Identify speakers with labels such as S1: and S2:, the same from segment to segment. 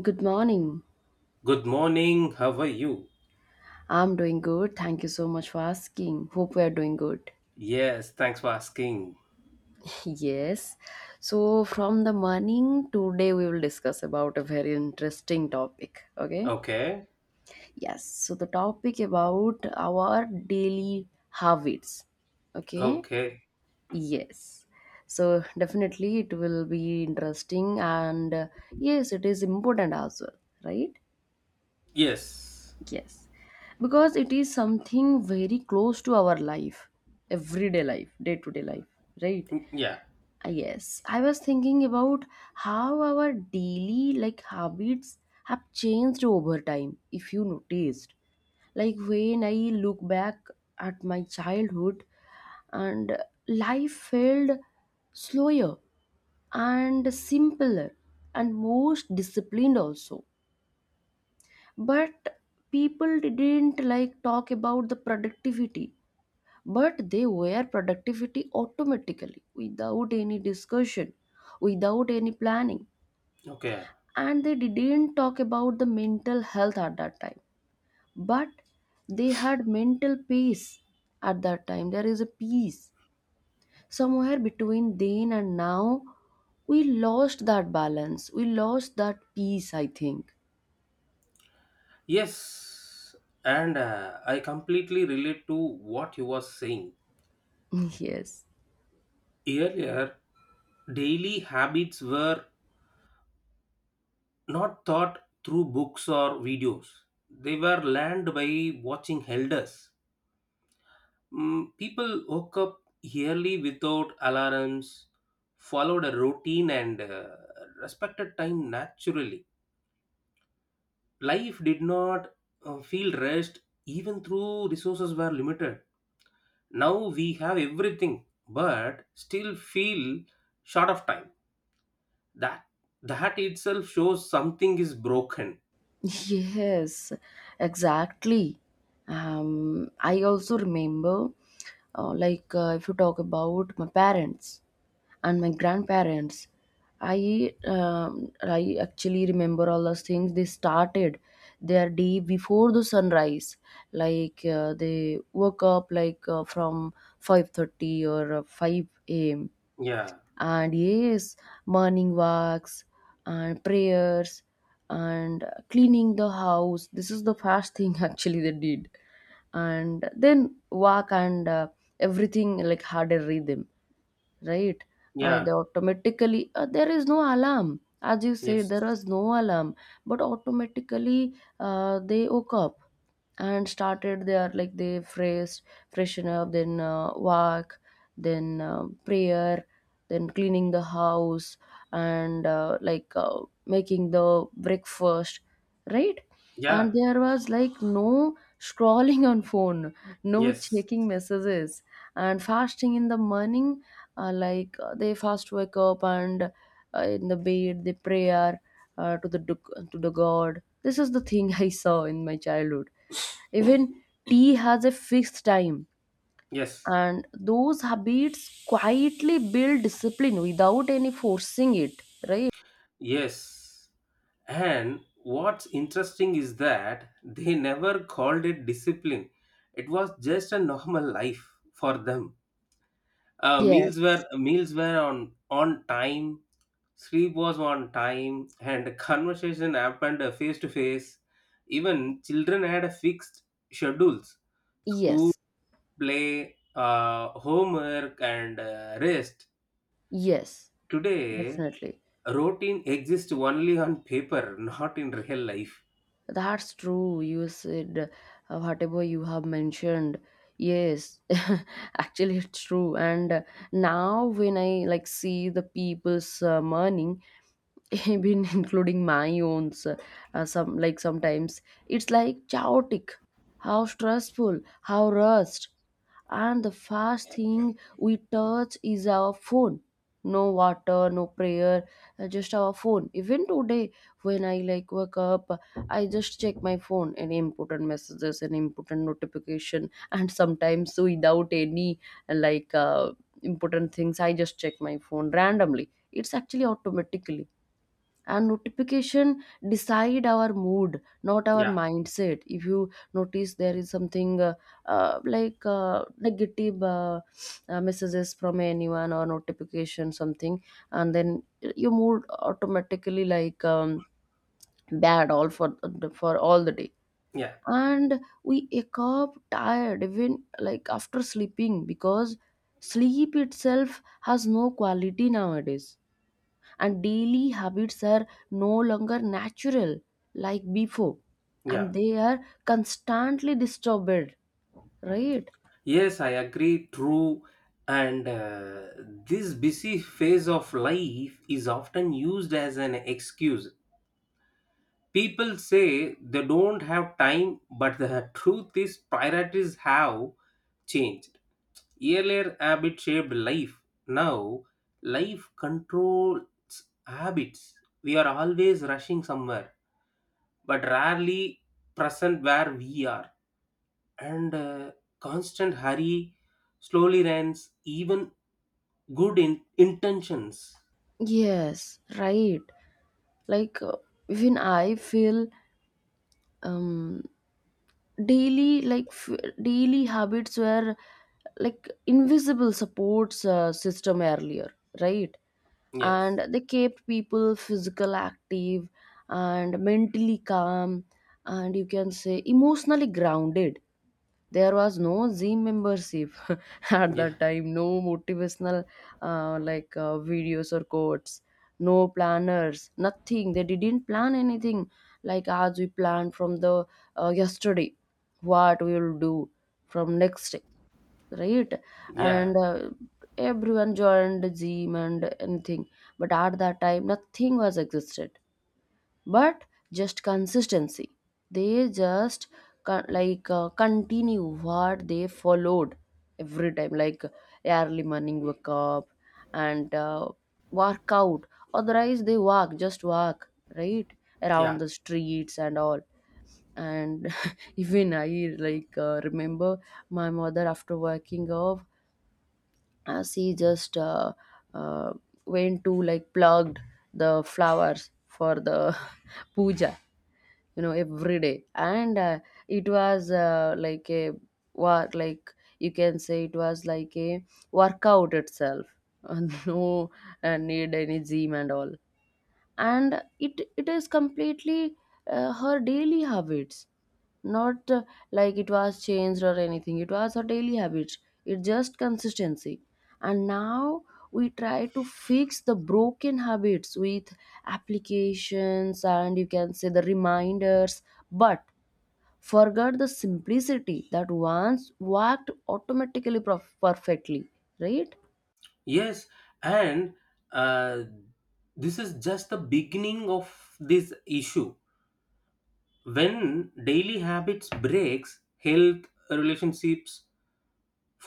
S1: Good morning.
S2: Good morning. How are you?
S1: I'm doing good. Thank you so much for asking. Hope we are doing good.
S2: Yes, thanks for asking.
S1: Yes. So, from the morning, today we will discuss about a very interesting topic. Okay.
S2: Okay.
S1: Yes. So, the topic about our daily habits. Okay.
S2: Okay.
S1: Yes. So, definitely it will be interesting and yes, it is important as well. Right.
S2: Yes.
S1: Yes, because it is something very close to our life, everyday life, day to day life, right?
S2: Mm, yeah.
S1: Yes, I was thinking about how our daily like habits have changed over time. If you noticed, like when I look back at my childhood, and life felt slower and simpler and most disciplined also, but people didn't like talk about the productivity, but they were productivity automatically without any discussion, without any planning.
S2: Okay.
S1: And they didn't talk about the mental health at that time, but they had mental peace. At that time there is a peace somewhere between then and now. We lost that balance, we lost that peace, I think.
S2: Yes. And I completely relate to what you were saying.
S1: Yes.
S2: Earlier, daily habits were not taught through books or videos. They were learned by watching elders. People woke up early without alarms, followed a routine, and respected time naturally. Life did not feel rushed, even through resources were limited. Now we have everything but still feel short of time. That that itself shows something is broken.
S1: Yes, exactly. I also remember, if you talk about my parents and my grandparents, I actually remember all those things. They started their day before the sunrise. They woke up from 5:30 or 5 a.m.,
S2: Yeah,
S1: and yes, morning walks and prayers and cleaning the house, this is the first thing actually they did. And then walk, and everything like harder rhythm, right? They
S2: yeah,
S1: automatically, there is no alarm. As you said, there
S2: yes,
S1: was no alarm, but automatically they woke up and started their like freshen up, then walk, then prayer, then cleaning the house, and making the breakfast, right? And
S2: yeah,
S1: there was like no scrolling on phone, no
S2: yes,
S1: checking messages, and fasting in the morning. They fast wake up, and in the bed they prayer to the god, this is the thing I saw in my childhood. Even tea has a fixed time,
S2: yes,
S1: and those habits quietly build discipline without any forcing it, right?
S2: yes. And what's interesting is that they never called it discipline. It was just a normal life for them. Uh, meals
S1: Yes,
S2: were meals were on time. Sleep was on time, and conversation happened face to face. Even children had a fixed schedules: school,
S1: yes,
S2: play, homework, and rest.
S1: yes,
S2: Today,
S1: definitely.
S2: routine exists only on paper, not in real life.
S1: That's true. You said whatever you have mentioned. Yes, actually, it's true. And now, when I like see the people's morning, even including my own, sometimes it's like chaotic. How stressful, how rushed, and the first thing we touch is our phone. No water, no prayer, just our phone. Even today when I like wake up, I just check my phone. Any important messages, any important notification, and sometimes without any like uh, important things, I just check my phone randomly, it's actually automatically. And notification decide our mood, not our
S2: Yeah,
S1: mindset. If you notice there is something negative messages from anyone or notification something, and then your mood automatically like bad all for all the day.
S2: yeah,
S1: And we wake up tired even like after sleeping, because sleep itself has no quality nowadays, and daily habits are no longer natural like before,
S2: yeah.
S1: and they are constantly disturbed, right?
S2: Yes, I agree. True. And this busy phase of life is often used as an excuse. People say they don't have time, but the truth is, priorities have changed. Earlier, habit shaped life. Now, life controls habits. We are always rushing somewhere, but rarely present where we are. And constant hurry slowly runs, even good intentions.
S1: Yes, right, like even I feel um daily like daily habits were like invisible supports system earlier, right?
S2: Yes,
S1: And they kept people physical active and mentally calm, and you can say emotionally grounded. There was no Zee membership at
S2: yeah,
S1: that time, no motivational videos or quotes, no planners, nothing. They didn't plan anything, like as we planned from the yesterday, what we will do from next day, right?
S2: yeah,
S1: And everyone joined Zeem and anything, but at that time nothing was existed, but just consistency. They just continue what they followed every time, like early morning wake up and work out, otherwise they walk, just walk, right, around
S2: yeah,
S1: the streets and all. And even I like remember my mother after working off, she just uh, went to like plugged the flowers for the puja, every day, and it was like a, what, like you can say it was like a workout itself. No need any gym and all. And it is completely her daily habits, not like it was changed or anything, it was her daily habits, it's just consistency. And now we try to fix the broken habits with applications, and you can say the reminders, but forgot the simplicity that once worked automatically perfectly, right?
S2: yes. And uh, this is just the beginning of this issue. When daily habits breaks, health, relationships,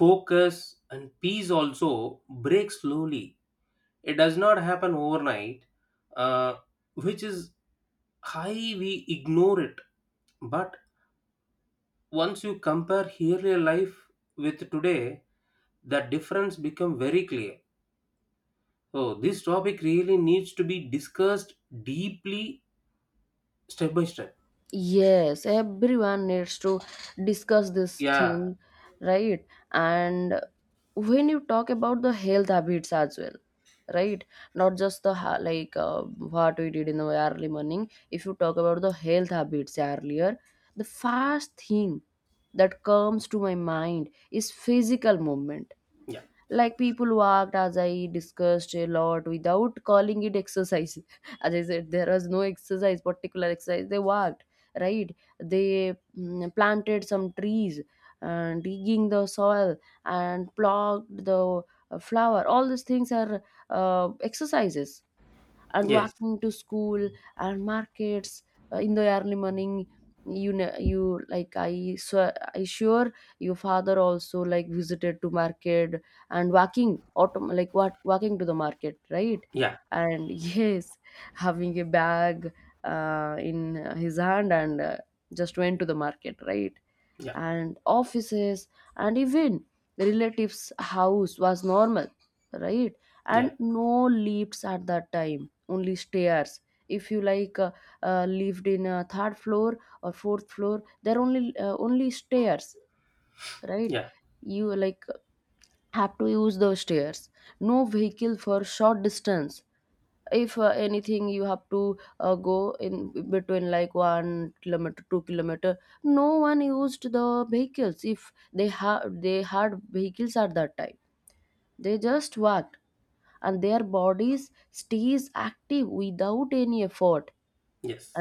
S2: focus and peace also break slowly. It does not happen overnight, uh, which is high we ignore it. But once you compare earlier life with today, that difference become very clear. So this topic really needs to be discussed deeply, step by step.
S1: Yes, everyone needs to discuss this
S2: Yeah,
S1: thing, right? And when you talk about the health habits as well, right? Not just the what we did in the early morning. If you talk about the health habits earlier, the first thing that comes to my mind is physical movement,
S2: yeah,
S1: like people walked, as I discussed, a lot without calling it exercise. As I said, there was no exercise, particular exercise, they walked, right? They planted some trees, and digging the soil, and plucked the flower, all these things are exercises. And
S2: yes,
S1: walking to school and markets in the early morning, you know, you like, I swear, I sure your father also like visited to market, and walking autom- like what walking to the market, right?
S2: yeah,
S1: And yes, having a bag in his hand, and just went to the market, right?
S2: yeah,
S1: And offices and even relatives house was normal, right? And
S2: yeah,
S1: no lifts at that time, only stairs. If you like lived in a third floor or fourth floor, there are only stairs, right?
S2: yeah,
S1: You like have to use those stairs. No vehicle for short distance. If anything, you have to go in between like 1 kilometer 2 kilometer, no one used the vehicles. If they have, they had vehicles at that time, they just walked, and their bodies stays active without any effort.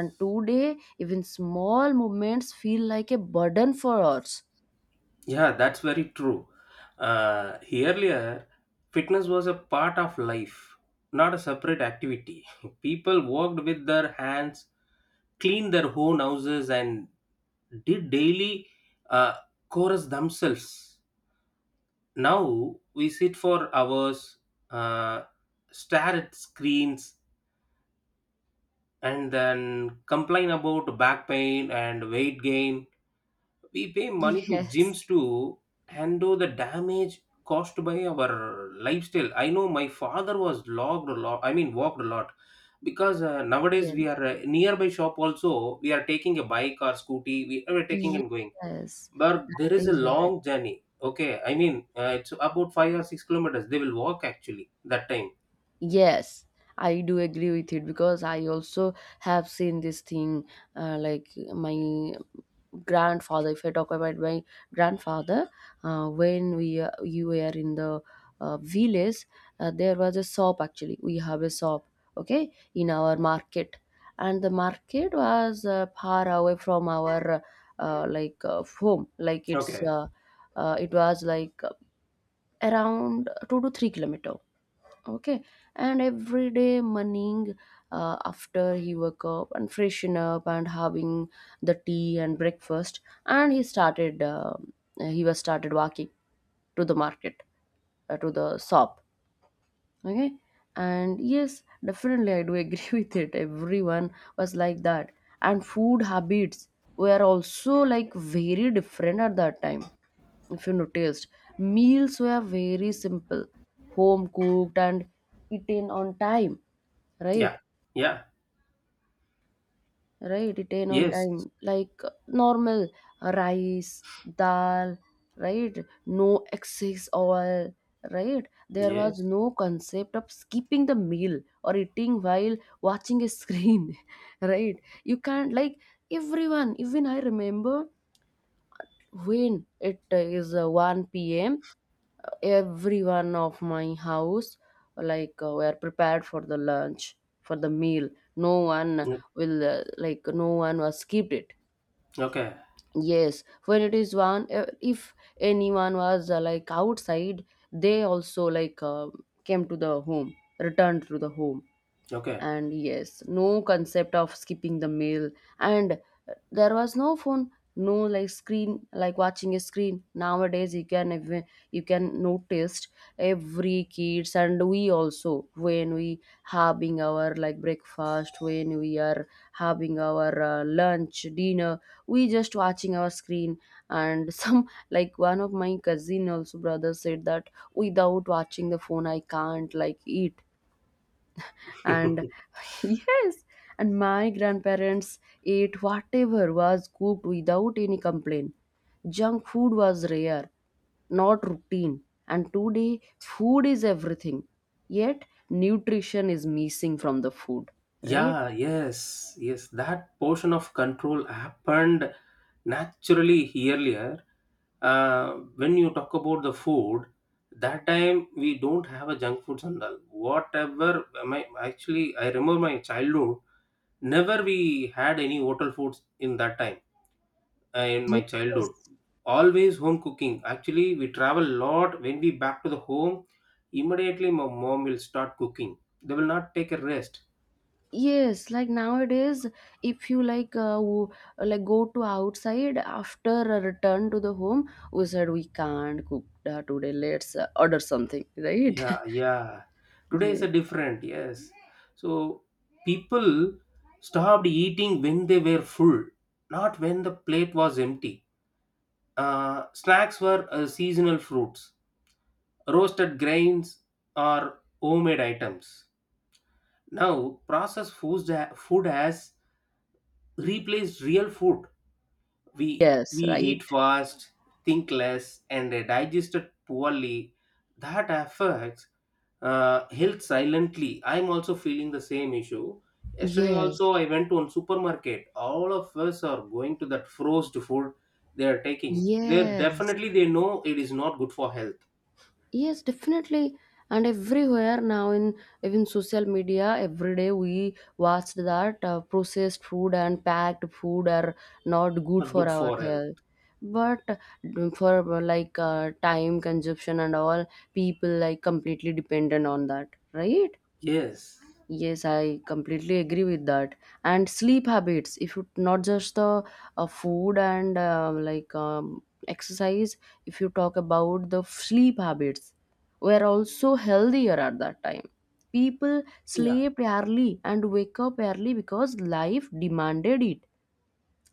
S1: And today, even small movements feel like a burden for us.
S2: Yeah, that's very true. Earlier, fitness was a part of life, not a separate activity. People worked with their hands, cleaned their own houses, and did daily uh, chores themselves. Now we sit for hours, uh, stare at screens, and then complain about back pain and weight gain. We pay money to
S1: Yes.
S2: gyms to handle the damage caused by our lifestyle. I know my father was logged a lot, I mean, walked a lot, because nowadays we
S1: Yes,
S2: are, nearby shop also, we are taking a bike or scooty, we are taking and going.
S1: yes,
S2: But there
S1: that
S2: is a
S1: is where.
S2: long journey. Okay, I mean, it's about 5 or 6 kilometers they will walk actually that time.
S1: Yes, I do agree with it because I also have seen this thing. Uh, like my grandfather, if I talk about my grandfather, when we you were in the village, there was a shop, actually we have a shop, okay, in our market. And the market was far away from our home, like
S2: Okay,
S1: it was like around 2 to 3 kilometer. Okay, and every day morning after he woke up and freshen up and having the tea and breakfast, and he started. He was started walking to the market, to the shop, okay. And yes, definitely I do agree with it, everyone was like that. And food habits were also like very different at that time, if you noticed. Meals were very simple, home cooked, and eaten on time, right?
S2: yeah, yeah,
S1: Right? Retain on
S2: yes,
S1: time, like normal rice, dal, right? No excess oil, right? There was
S2: yes.
S1: no concept of skipping the meal or eating while watching a screen, right? You can't, like, everyone, even I remember when it is 1 p.m., everyone of my house like were prepared for the lunch, for the meal. no one
S2: Mm.
S1: will uh, like no one was skipped it.
S2: Okay,
S1: Yes, when it is one if anyone was like outside, they also like came to the home, returned to the home.
S2: okay.
S1: And yes, no concept of skipping the meal. And there was no phone, no like screen, like watching a screen. Nowadays you can even, you can notice every kids, and we also, when we having our like breakfast, when we are having our lunch dinner, we just watching our screen. And some like one of my cousin also brother said that without watching the phone I can't like eat. And yes. And my grandparents ate whatever was cooked without any complaint. Junk food was rare, not routine. And today food is everything, yet nutrition is missing from the food, right?
S2: Yeah. Yes, yes, that portion of control happened naturally earlier. When you talk about the food, that time we don't have a junk foods and all. Whatever my actually I remember my childhood. Never we had any hotel foods in that time, in my childhood.
S1: Yes.
S2: Always home cooking. Actually, we travel a lot. When we back to the home, immediately my mom will start cooking. They will not take a rest.
S1: Yes, like nowadays, if you like go to outside, after a return to the home we said we can't cook today, let's order something, right?
S2: Yeah, yeah. Today is
S1: Yeah.
S2: a different, yes. So people stopped eating when they were full, not when the plate was empty. Snacks were seasonal fruits, roasted grains, or homemade items. Now, processed food has replaced real food. We
S1: Yes,
S2: we
S1: right.
S2: eat fast, think less, and digest it poorly. That affects health silently. I'm also feeling the same issue. Yesterday
S1: Yes,
S2: also, I went to one supermarket. All of us are going to that frozen food they are taking. They
S1: yes,
S2: definitely they know it is not good for health.
S1: yes, definitely. And everywhere now, in even social media, every day we watch that processed food and packed food are not good
S2: Not
S1: for
S2: good
S1: our
S2: for health.
S1: health. But for time consumption and all, people like completely dependent on that, right?
S2: Yes.
S1: Yes, I completely agree with that. And sleep habits, if you not just the food and exercise, if you talk about the sleep habits, were also healthier at that time. People
S2: Yeah.
S1: slept early and wake up early because life demanded it.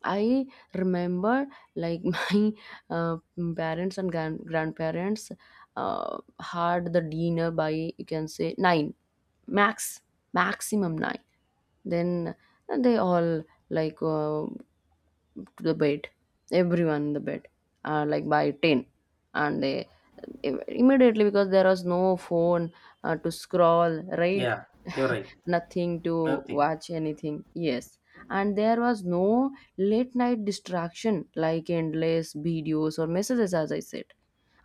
S1: I remember like my uh, parents and grandparents had the dinner by, you can say, nine max, maximum nine. Then they all like uh, to the bed, everyone in the bed, like by ten, and they immediately, because there was no phone to scroll, right?
S2: Yeah. You're right.
S1: Nothing to
S2: Nothing.
S1: watch anything. Yes. And there was no late night distraction like endless videos or messages, as I said.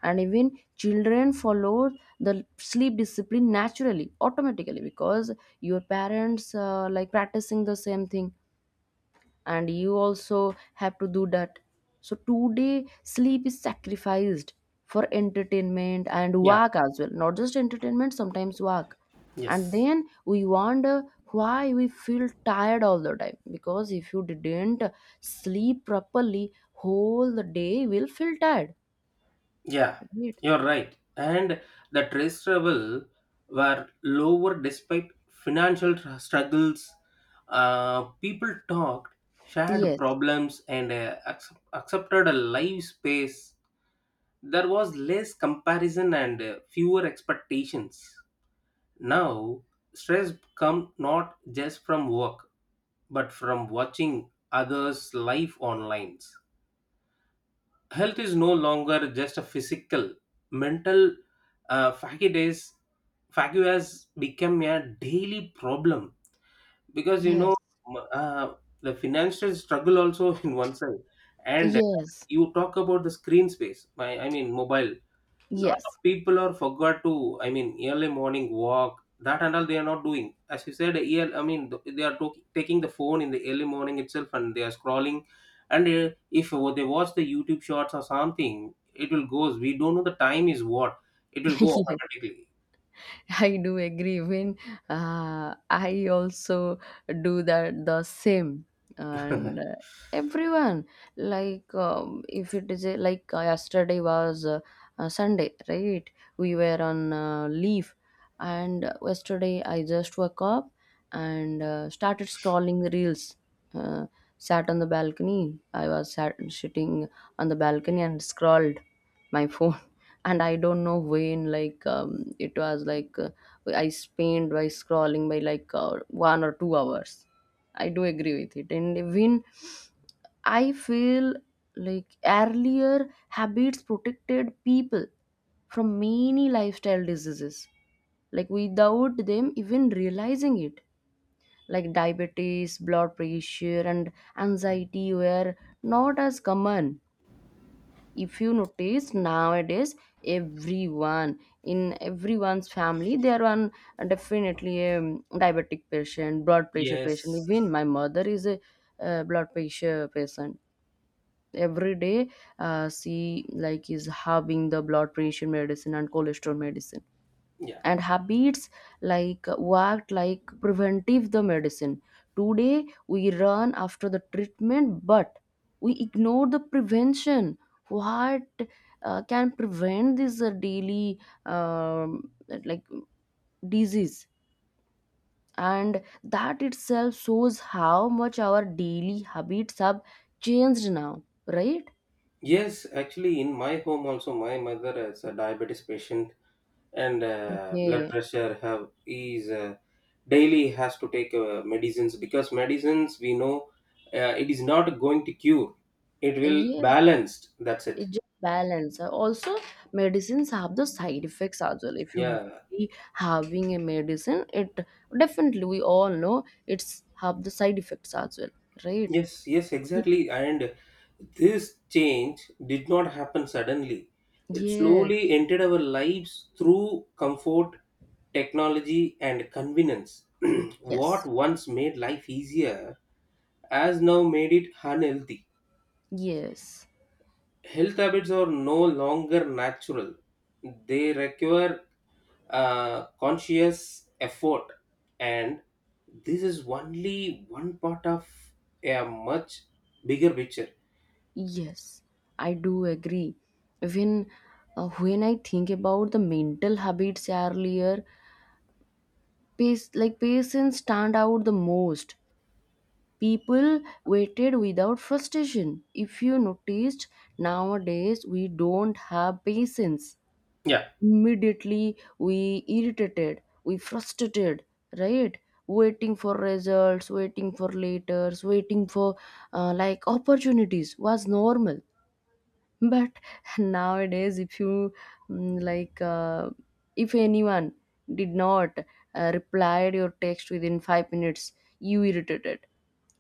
S1: And even children follow the sleep discipline naturally, automatically, because your parents like practicing the same thing and you also have to do that. So today sleep is sacrificed for entertainment and
S2: Yeah.
S1: work as well, not just entertainment, sometimes work. And
S2: Yes.
S1: then we wonder why we feel tired all the time, because if you didn't sleep properly, whole the day will feel tired,
S2: Yeah,
S1: right?
S2: you're right. And the trades travel were lower despite financial struggles. People talked, shared
S1: Yes,
S2: problems, and accepted a live space. There was less comparison and fewer expectations. Now, stress come not just from work, but from watching others' life online. Health is no longer just a physical mental. uh, fatigue is Fatigue has become a daily problem because you know,
S1: yes,
S2: m- uh, the financial struggle also in one side. And
S1: yes,
S2: you talk about the screen space, my I mean mobile, lot of
S1: yes.
S2: people are forgot to, I mean, early morning walk that and all they are not doing, as you said I mean they are taking the phone in the early morning itself and they are scrolling. And if they watch the YouTube shorts or something it will goes, we don't know the time is what, it will go
S1: Yes,
S2: automatically.
S1: I do agree. When I also do that the same, and everyone if it is a, yesterday was Sunday, right? We were on leave, and yesterday I just woke up and started scrolling the reels. Uh, Sat on the balcony. I was sat sitting on the balcony and scrolled my phone, and I don't know when, it was I spent by scrolling by 1 or 2 hours. I do agree with it. And when I feel, like, earlier habits protected people from many lifestyle diseases, like without them even realizing it, like diabetes, blood pressure and anxiety were not as common. If you notice nowadays, everyone, in everyone's family, there are definitely a diabetic patient, blood pressure patient.
S2: Yes,
S1: Even my mother is a blood pressure patient. Every day she like is having the blood pressure medicine and cholesterol medicine.
S2: yeah,
S1: And habits like worked like preventive the medicine. Today we run after the treatment, but we ignore the prevention. What can prevent this daily, um, like, disease? And that itself shows how much our daily habits have changed now, right?
S2: yes. Actually, in my home also my mother is a diabetes patient, and blood
S1: Okay.
S2: pressure have is, daily has to take medicines, because medicines we know, it is not going to cure, it will
S1: Yeah,
S2: balanced, that's it.
S1: it just balance. Also medicines have the side effects as well. If you
S2: Yeah,
S1: be having a medicine, it definitely, we all know, it's have the side effects as well, right?
S2: yes, yes,
S1: Y-
S2: exactly. And this change did not happen suddenly. It
S1: yes,
S2: slowly entered our lives through comfort, technology and convenience. What
S1: yes,
S2: once made life easier has now made it unhealthy.
S1: yes,
S2: Health habits are no longer natural. They require conscious effort, and this is only one part of a much bigger picture.
S1: yes, I do agree. Even when I think about the mental habits earlier, pace, like patients stand out the most. People waited without frustration. If you noticed, nowadays we don't have patience.
S2: Yeah,
S1: Immediately we irritated, we frustrated, right? Waiting for results, waiting for letters, waiting for like opportunities was normal. But nowadays, if you mm, like uh, if anyone did not replied your text within 5 minutes, you irritated.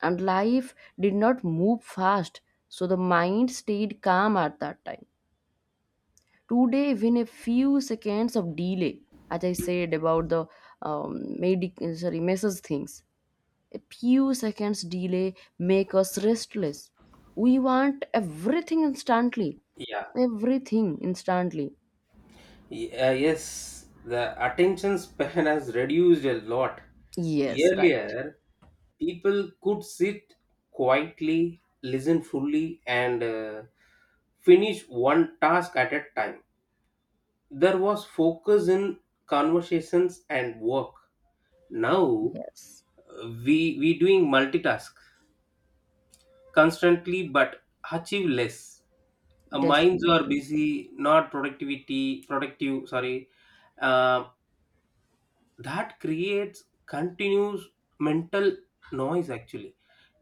S1: And life did not move fast, so the mind stayed calm at that time. Today, even a few seconds of delay, as I said about the medic sorry message things, a few seconds delay make us restless. We want everything instantly.
S2: yeah,
S1: Everything instantly.
S2: Yes. The attention span has reduced a lot.
S1: Yes, right.
S2: Earlier, people could sit quietly, listen fully, and finish one task at a time. There was focus in conversations and work. Now
S1: Yes,
S2: we doing multitask constantly but achieve less. Minds are
S1: definitely.
S2: busy, not productivity productive. Sorry, uh, that creates continuous mental noise. Actually,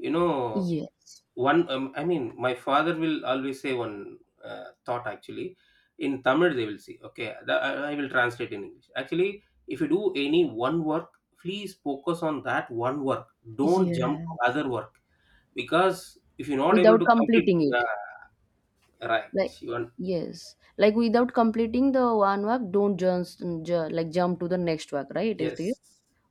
S2: you know,
S1: Yes.
S2: one, I mean, my father will always say one thought actually. In Tamil, they will say, okay, I will translate in English. Actually, if you do any one work, please focus on that one work. Don't jump
S1: Yeah.
S2: to other work because if you're not able
S1: Without
S2: to complete,
S1: completing it.
S2: yeah, right,
S1: Like
S2: you want,
S1: yes. Like without completing the one work, don't just like jump to the next work, right? Is it?
S2: yes,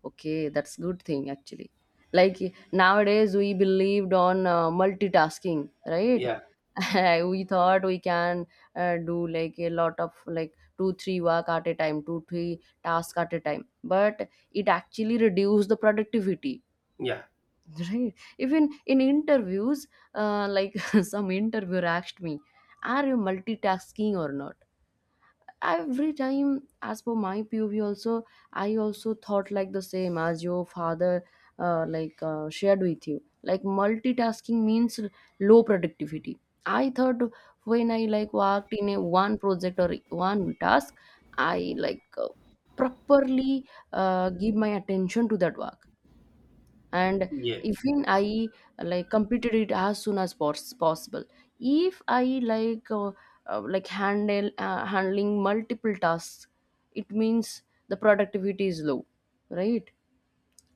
S1: Okay, that's good thing actually. Like nowadays we believed on multitasking, right?
S2: yeah,
S1: We thought we can do like a lot of like two three work at a time, two three task at a time, but it actually reduced the productivity,
S2: yeah,
S1: right? Even in interviews, like some interviewer asked me, "Are you multitasking or not?" every time. As for my pov also, I also thought like the same as your father shared with you. Like multitasking means low productivity, I thought. When I like worked in a one project or one task, I properly give my attention to that work. And
S2: yeah,
S1: even I like completed it as soon as possible. If I like handle handling multiple tasks, it means the productivity is low, right?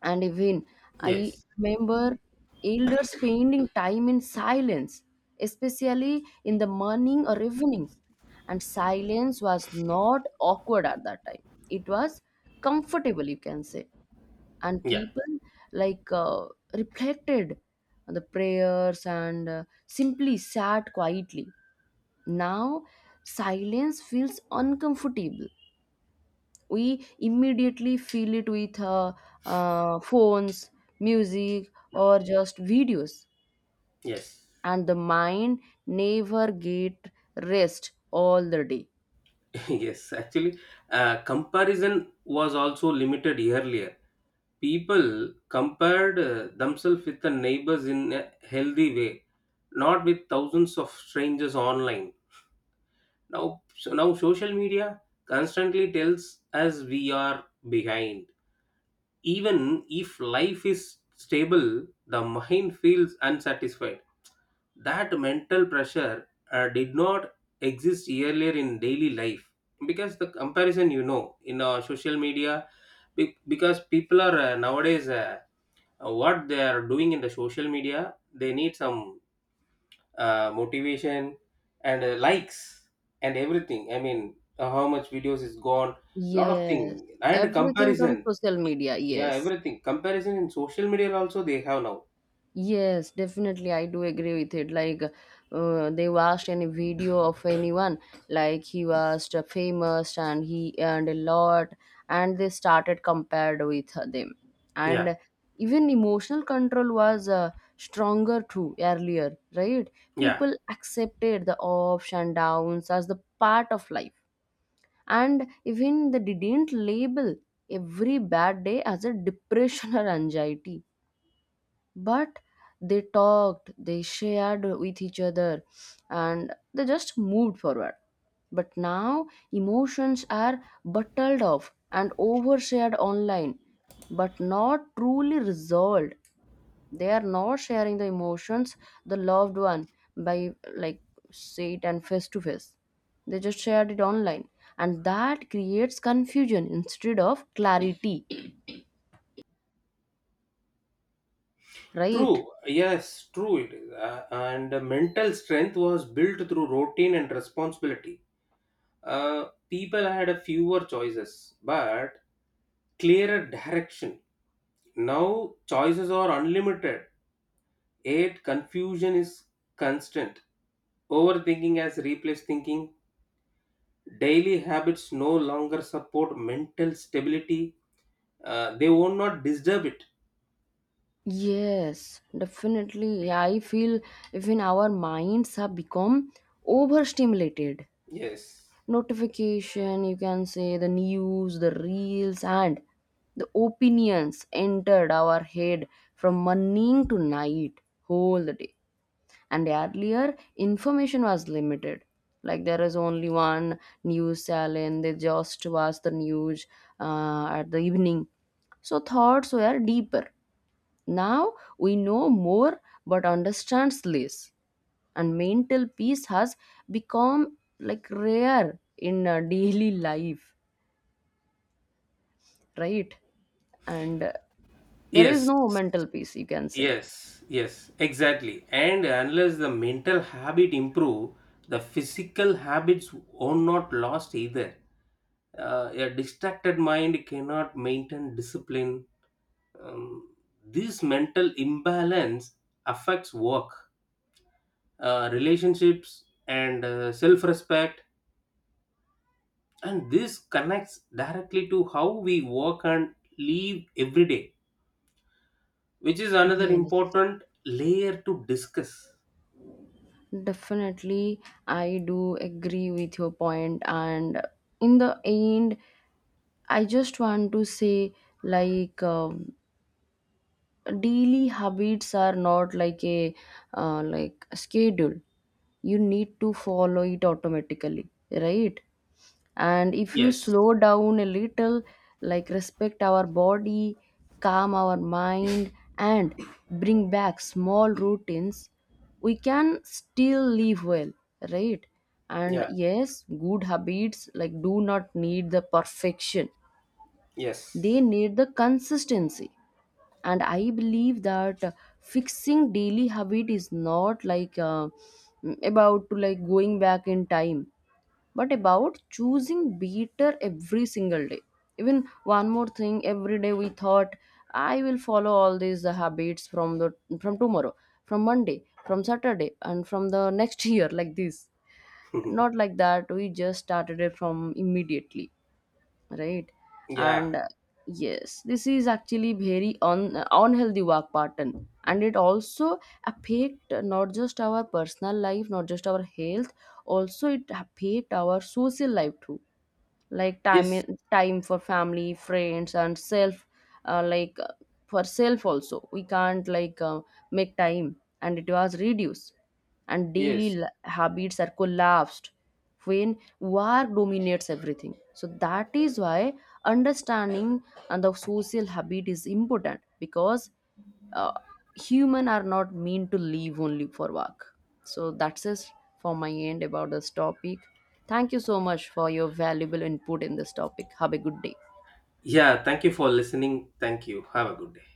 S1: And even I
S2: yes,
S1: remember elders spending time in silence, especially in the morning or evenings. And silence was not awkward at that time, it was comfortable, you can say. And
S2: yeah,
S1: people like uh, reflected on the prayers and simply sat quietly. Now silence feels uncomfortable. We immediately fill it with phones, music or just videos.
S2: yes,
S1: And the mind never get rest all the day.
S2: yes. Actually, comparison was also limited earlier. People compared themselves with the neighbors in a healthy way, not with thousands of strangers online. Now so now social media constantly tells us we are behind. Even if life is stable, the mind feels unsatisfied. That mental pressure did not exist earlier in daily life, because the comparison you know in social media, because people are nowadays, what they are doing in the social media they need some motivation and likes and everything, I mean how much videos is gone, lot of thing
S1: Yes,
S2: and
S1: everything from
S2: comparison.
S1: social media,
S2: Yeah,
S1: yes.
S2: everything comparison in social media also they have now.
S1: Yes, definitely. I do agree with it. Like, they watched any video of anyone, like he was the famous and he earned a lot, and they started compared with them.
S2: Yeah,
S1: And even emotional control was stronger too earlier, right?
S2: yeah,
S1: People accepted the ups and downs as the part of life, and even they didn't label every bad day as a depression or anxiety. But they talked, they shared with each other, and they just moved forward. But now emotions are bottled off and overshared online, but not truly resolved. They are not sharing the emotions, the loved one, by like say it and face to face. They just shared it online, and that creates confusion instead of clarity,
S2: true,
S1: right?
S2: yes, true it is. And the mental strength was built through routine and responsibility. uh, People had a fewer choices but clearer direction. Now choices are unlimited, yet confusion is constant. Overthinking has replaced thinking. Daily habits no longer support mental stability. They will not disturb it.
S1: Yes, definitely. Yeah, I feel even our minds have become overstimulated.
S2: Yes.
S1: Notification, you can say, the news, the reels, and the opinions entered our head from morning to night, whole the day. And earlier, information was limited. Like there is only one news channel, they just watch the news at the evening. So thoughts were deeper. Now we know more but understands less, and mental peace has become like rare in daily life, right? And there is
S2: Yes.
S1: no mental peace, you can say.
S2: Yes. Yes. Exactly. And unless the mental habit improve, the physical habits are not lost either. A distracted mind cannot maintain discipline. um, this mental imbalance affects work, relationships and self-respect, and this connects directly to how we work and live every day, which is another
S1: Yes,
S2: important layer to discuss.
S1: definitely. I do agree with your point. And in the end, I just want to say, like um, daily habits are not like a like schedule. You need to follow it automatically, right? And if you
S2: Yes,
S1: slow down a little, like respect our body, calm our mind, and bring back small routines, we can still live well, right? And
S2: yeah,
S1: yes, good habits like do not need the perfection, they
S2: yes.
S1: need the consistency. And I believe that fixing daily habit is not about to like going back in time, but about choosing better every single day. Even one more thing, every day we thought I will follow all these habits from the, from tomorrow, from Monday, from Saturday, and from the next year, like this. Not like that, we just started it from immediately, right?
S2: Yeah,
S1: And yes, this is actually very unhealthy work pattern, and it also affect not just our personal life, not just our health, also it affect our social life too. Like
S2: yes,
S1: time for family, friends and self. uh, like uh, for self also, we can't make time, and it was reduced, and daily
S2: yes,
S1: habits are collapsed when work dominates everything. So that is why understanding and the social habit is important, because uh, human are not meant to live only for work. So that's it for my end about this topic. Thank you so much for your valuable input in this topic. Have a good day.
S2: yeah, thank you for listening. Thank you. Have a good day.